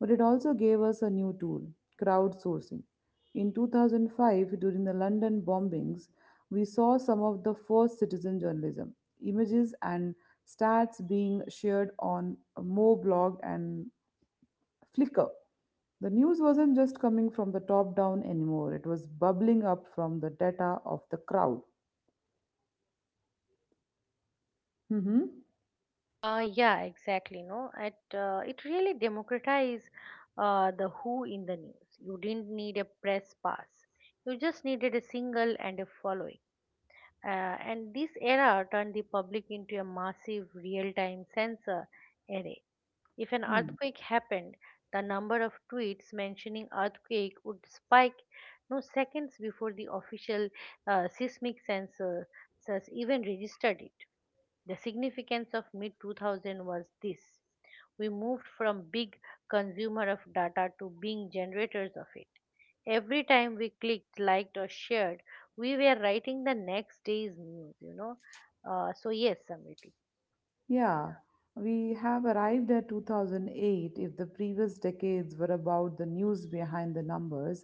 [SPEAKER 1] But it also gave us a new tool: crowdsourcing. In 2005, during the London bombings, we saw some of the first citizen journalism, images and stats being shared on Mo blog and Flickr. The news wasn't just coming from the top down anymore, it was bubbling up from the data of the crowd. Mhm.
[SPEAKER 2] Yeah, exactly. No, it really democratized the who in the news. You didn't need a press pass. You just needed a single and a following. And this error turned the public into a massive real time sensor array. If an earthquake happened, the number of tweets mentioning earthquake would spike no seconds before the official seismic sensors even registered it. The significance of mid 2000 was this. We moved from big consumer of data to being generators of it. Every time we clicked, liked, or shared, we were writing the next day's news. So, yes, Samriti.
[SPEAKER 1] Yeah, we have arrived at 2008. If the previous decades were about the news behind the numbers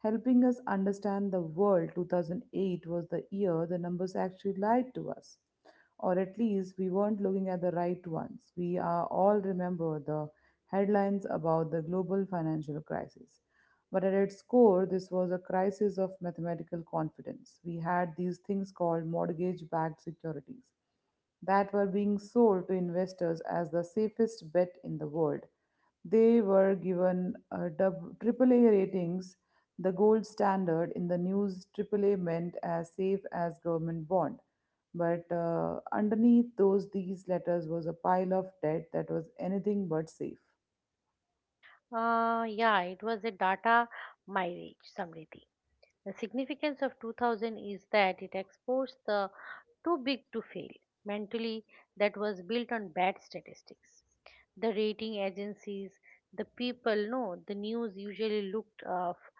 [SPEAKER 1] helping us understand the world, 2008 was the year the numbers actually lied to us. Or at least we weren't looking at the right ones. We are all remember the headlines about the global financial crisis. But at its core, this was a crisis of mathematical confidence. We had these things called mortgage backed securities that were being sold to investors as the safest bet in the world. They were given triple A ratings, the gold standard in the news. Triple A meant as safe as government bond, but underneath those these letters was a pile of debt that was anything but safe.
[SPEAKER 2] Yeah, it was a data mirage, Samriti. The significance of 2000 is that it exposed the too big to fail mentally that was built on bad statistics. The rating agencies, the people know the news usually looked f-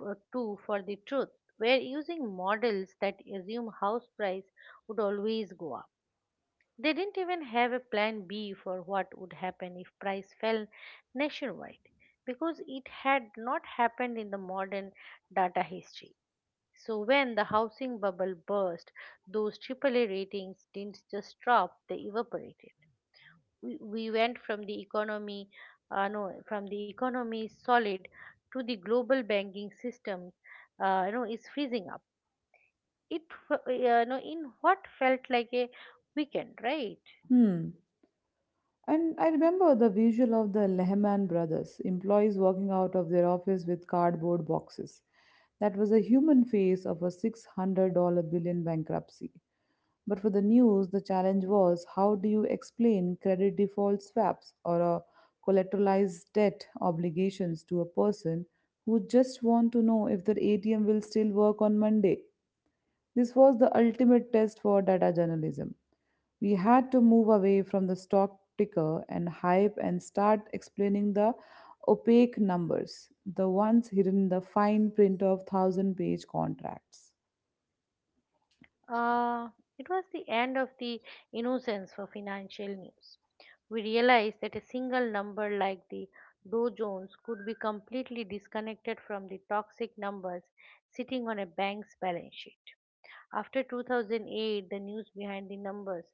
[SPEAKER 2] f- to for the truth, were using models that assume house price would always go up. They didn't even have a plan B for what would happen if price fell nationwide, because it had not happened in the modern data history. So when the housing bubble burst, those AAA ratings didn't just drop, they evaporated. We went from the economy no from the economy solid to the global banking system is freezing up. It in what felt like a weekend, right?
[SPEAKER 1] Hmm. And I remember the visual of the Lehman brothers, employees walking out of their office with cardboard boxes. That was a human face of a $600 billion bankruptcy. But for the news, the challenge was, how do you explain credit default swaps or a collateralized debt obligations to a person who just want to know if their ATM will still work on Monday? This was the ultimate test for data journalism. We had to move away from the stock ticker and hype and start explaining the opaque numbers, the ones hidden in the fine print of thousand page contracts.
[SPEAKER 2] uh, it was the end of the innocence for financial news. We realized that a single number like the Dow Jones could be completely disconnected from the toxic numbers sitting on a bank's balance sheet. After 2008, the news behind the numbers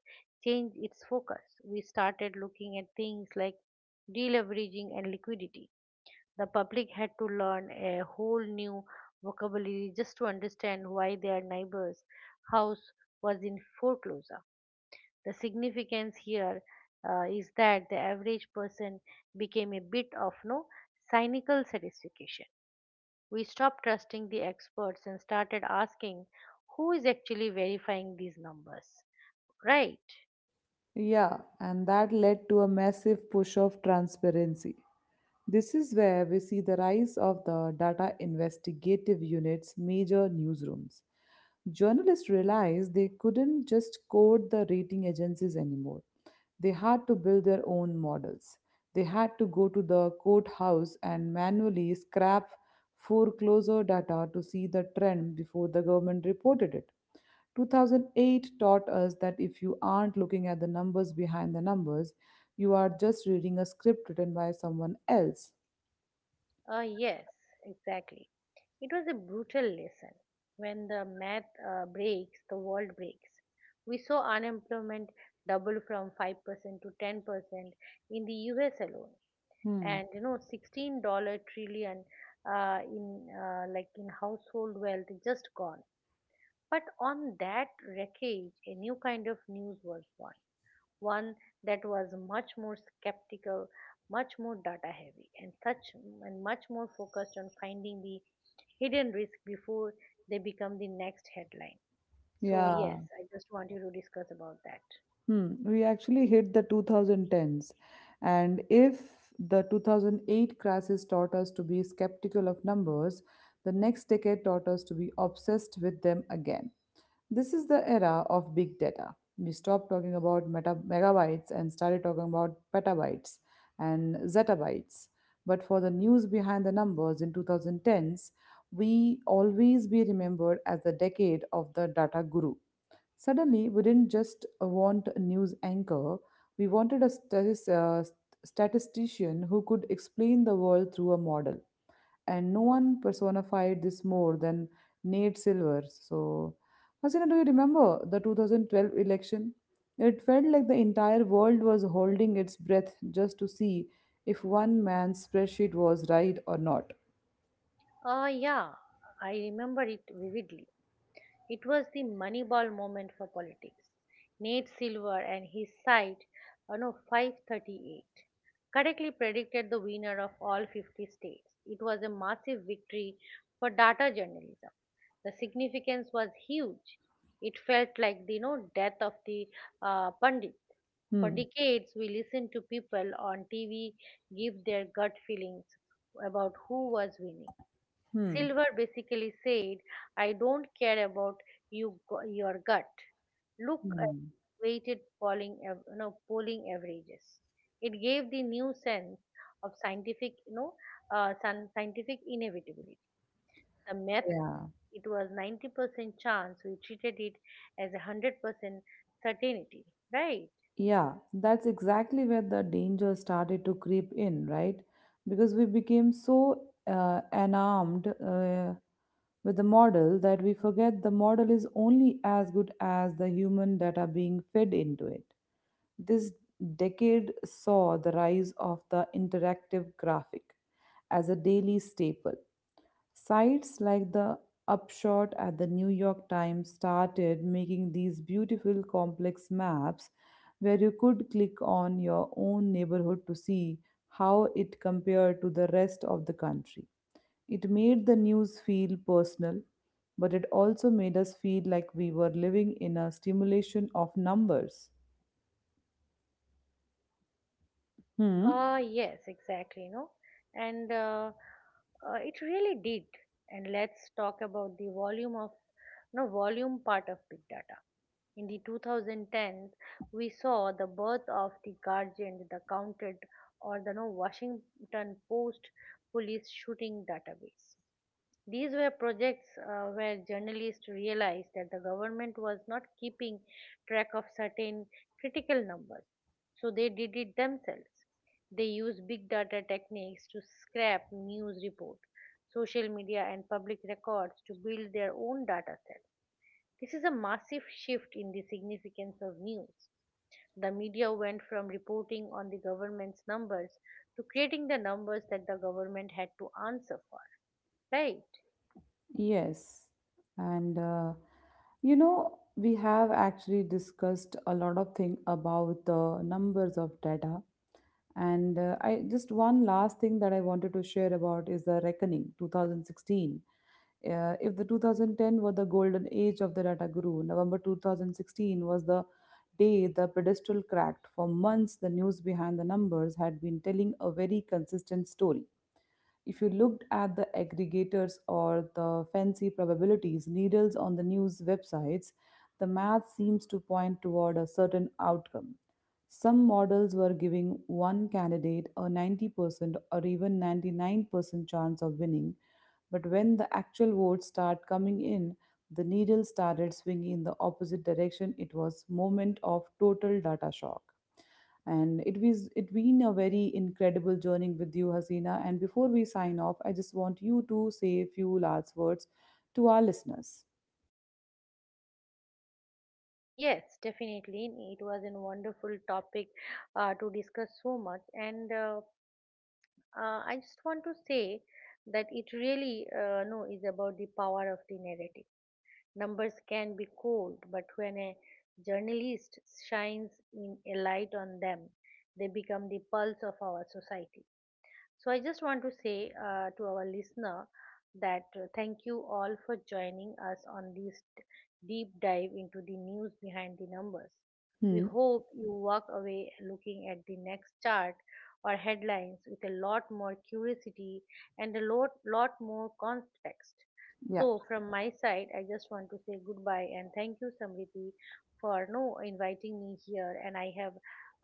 [SPEAKER 2] changed its focus. We started looking at things like deleveraging and liquidity. The public had to learn a whole new vocabulary just to understand why their neighbor's house was in foreclosure. The significance here is that the average person became a bit of no cynical satisfaction. We stopped trusting the experts and started asking who is actually verifying these numbers. Right.
[SPEAKER 1] Yeah, and that led to a massive push of transparency. This is where we see the rise of the data investigative units, major newsrooms. Journalists realized they couldn't just code the rating agencies anymore. They had to build their own models. They had to go to the courthouse and manually scrap foreclosure data to see the trend before the government reported it. 2008 taught us that if you aren't looking at the numbers behind the numbers, you are just reading a script written by someone else.
[SPEAKER 2] Yes, exactly. It was a brutal lesson. When the math breaks, the world breaks. We saw unemployment double from 5% to 10% in the US alone,
[SPEAKER 1] Hmm.
[SPEAKER 2] and you know, sixteen trillion, in like in household wealth just gone. But on that wreckage, a new kind of news was born. One that was much more skeptical, much more data heavy, and much more focused on finding the hidden risk before they become the next headline. So
[SPEAKER 1] Yeah.
[SPEAKER 2] yes, I just want you to discuss about that.
[SPEAKER 1] Hmm. We actually hit the 2010s. And if the 2008 crisis taught us to be skeptical of numbers, the next decade taught us to be obsessed with them again. This is the era of big data. We stopped talking about meta megabytes and started talking about petabytes and zettabytes. But for the news behind the numbers in 2010s, we always be remembered as the decade of the data guru. Suddenly, we didn't just want a news anchor, we wanted a statistician who could explain the world through a model. And no one personified this more than Nate Silver. So, Hasina, do you remember the 2012 election? It felt like the entire world was holding its breath just to see if one man's spreadsheet was right or not.
[SPEAKER 2] Yeah, I remember it vividly. It was the Moneyball moment for politics. Nate Silver and his site, no, 538, correctly predicted the winner of all 50 states. It was a massive victory for data journalism. The significance was huge. It felt like the death of the pundit. For
[SPEAKER 1] Hmm,
[SPEAKER 2] decades, we listened to people on TV give their gut feelings about who was winning.
[SPEAKER 1] hmm,
[SPEAKER 2] Silver basically said, I don't care about your gut. Look at
[SPEAKER 1] hmm.
[SPEAKER 2] weighted polling, polling averages. It gave the new sense of scientific, scientific inevitability. The math,
[SPEAKER 1] Yeah.
[SPEAKER 2] it was 90% chance. We treated it as a 100% certainty, right?
[SPEAKER 1] Yeah, that's exactly where the danger started to creep in, right? Because we became so enamored with the model that we forget the model is only as good as the human that are being fed into it. This decade saw the rise of the interactive graphic as a daily staple. Sites like the Upshot at the New York Times started making these beautiful complex maps where you could click on your own neighborhood to see how it compared to the rest of the country. It made the news feel personal, but it also made us feel like we were living in a stimulation of numbers. Hmm.
[SPEAKER 2] Yes, exactly, and it really did. And let's talk about the volume of, no, volume part of big data. In the 2010s, we saw the birth of the Guardian, the Counted, or the no, Washington Post police shooting database. These were projects where journalists realized that the government was not keeping track of certain critical numbers, so they did it themselves. They used big data techniques to scrap news reports, social media, and public records to build their own data sets. This is a massive shift in the significance of news. The media went from reporting on the government's numbers to creating the numbers that the government had to answer for. Right?
[SPEAKER 1] Yes. And you know, we have actually discussed a lot of thing about the numbers of data. And I just one last thing that I wanted to share about is the reckoning 2016. If the 2010 were the golden age of the data guru, November 2016 was the day the pedestal cracked. For months, the news behind the numbers had been telling a very consistent story. If you looked at the aggregators or the fancy probabilities needles on the news websites, the math seems to point toward a certain outcome. Some models were giving one candidate a 90% or even 99% chance of winning, but when the actual votes start coming in, the needle started swinging in the opposite direction. It was moment of total data shock. And it was it been a very incredible journey with you, Hasina. And before we sign off, I just want you to say a few last words to our listeners.
[SPEAKER 2] Yes, definitely. It was a wonderful topic to discuss so much, and I just want to say that it really no is about the power of the narrative. Numbers can be cold, but when a journalist shines in a light on them, they become the pulse of our society. So I just want to say to our listener that thank you all for joining us on this deep dive into the news behind the numbers. We
[SPEAKER 1] Hmm.
[SPEAKER 2] hope you walk away looking at the next chart or headlines with a lot more curiosity and a lot, lot more context.
[SPEAKER 1] Yeah.
[SPEAKER 2] So from my side, I just want to say goodbye and thank you, Samriti, for no inviting me here. And I have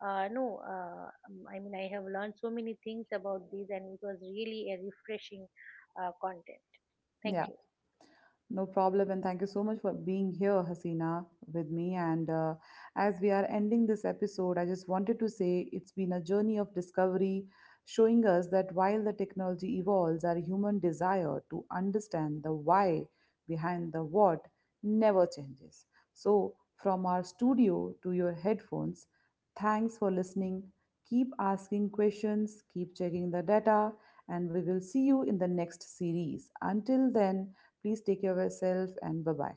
[SPEAKER 2] no, I mean, I have learned so many things about these, and it was really a refreshing content. Thank
[SPEAKER 1] Yeah.
[SPEAKER 2] you.
[SPEAKER 1] No problem, and thank you so much for being here, Hasina, with me. And as we are ending this episode, I just wanted to say it's been a journey of discovery, showing us that while the technology evolves, our human desire to understand the why behind the what never changes. So, from our studio to your headphones, thanks for listening. Keep asking questions, keep checking the data, and we will see you in the next series. Until then, please take care of yourself and bye bye.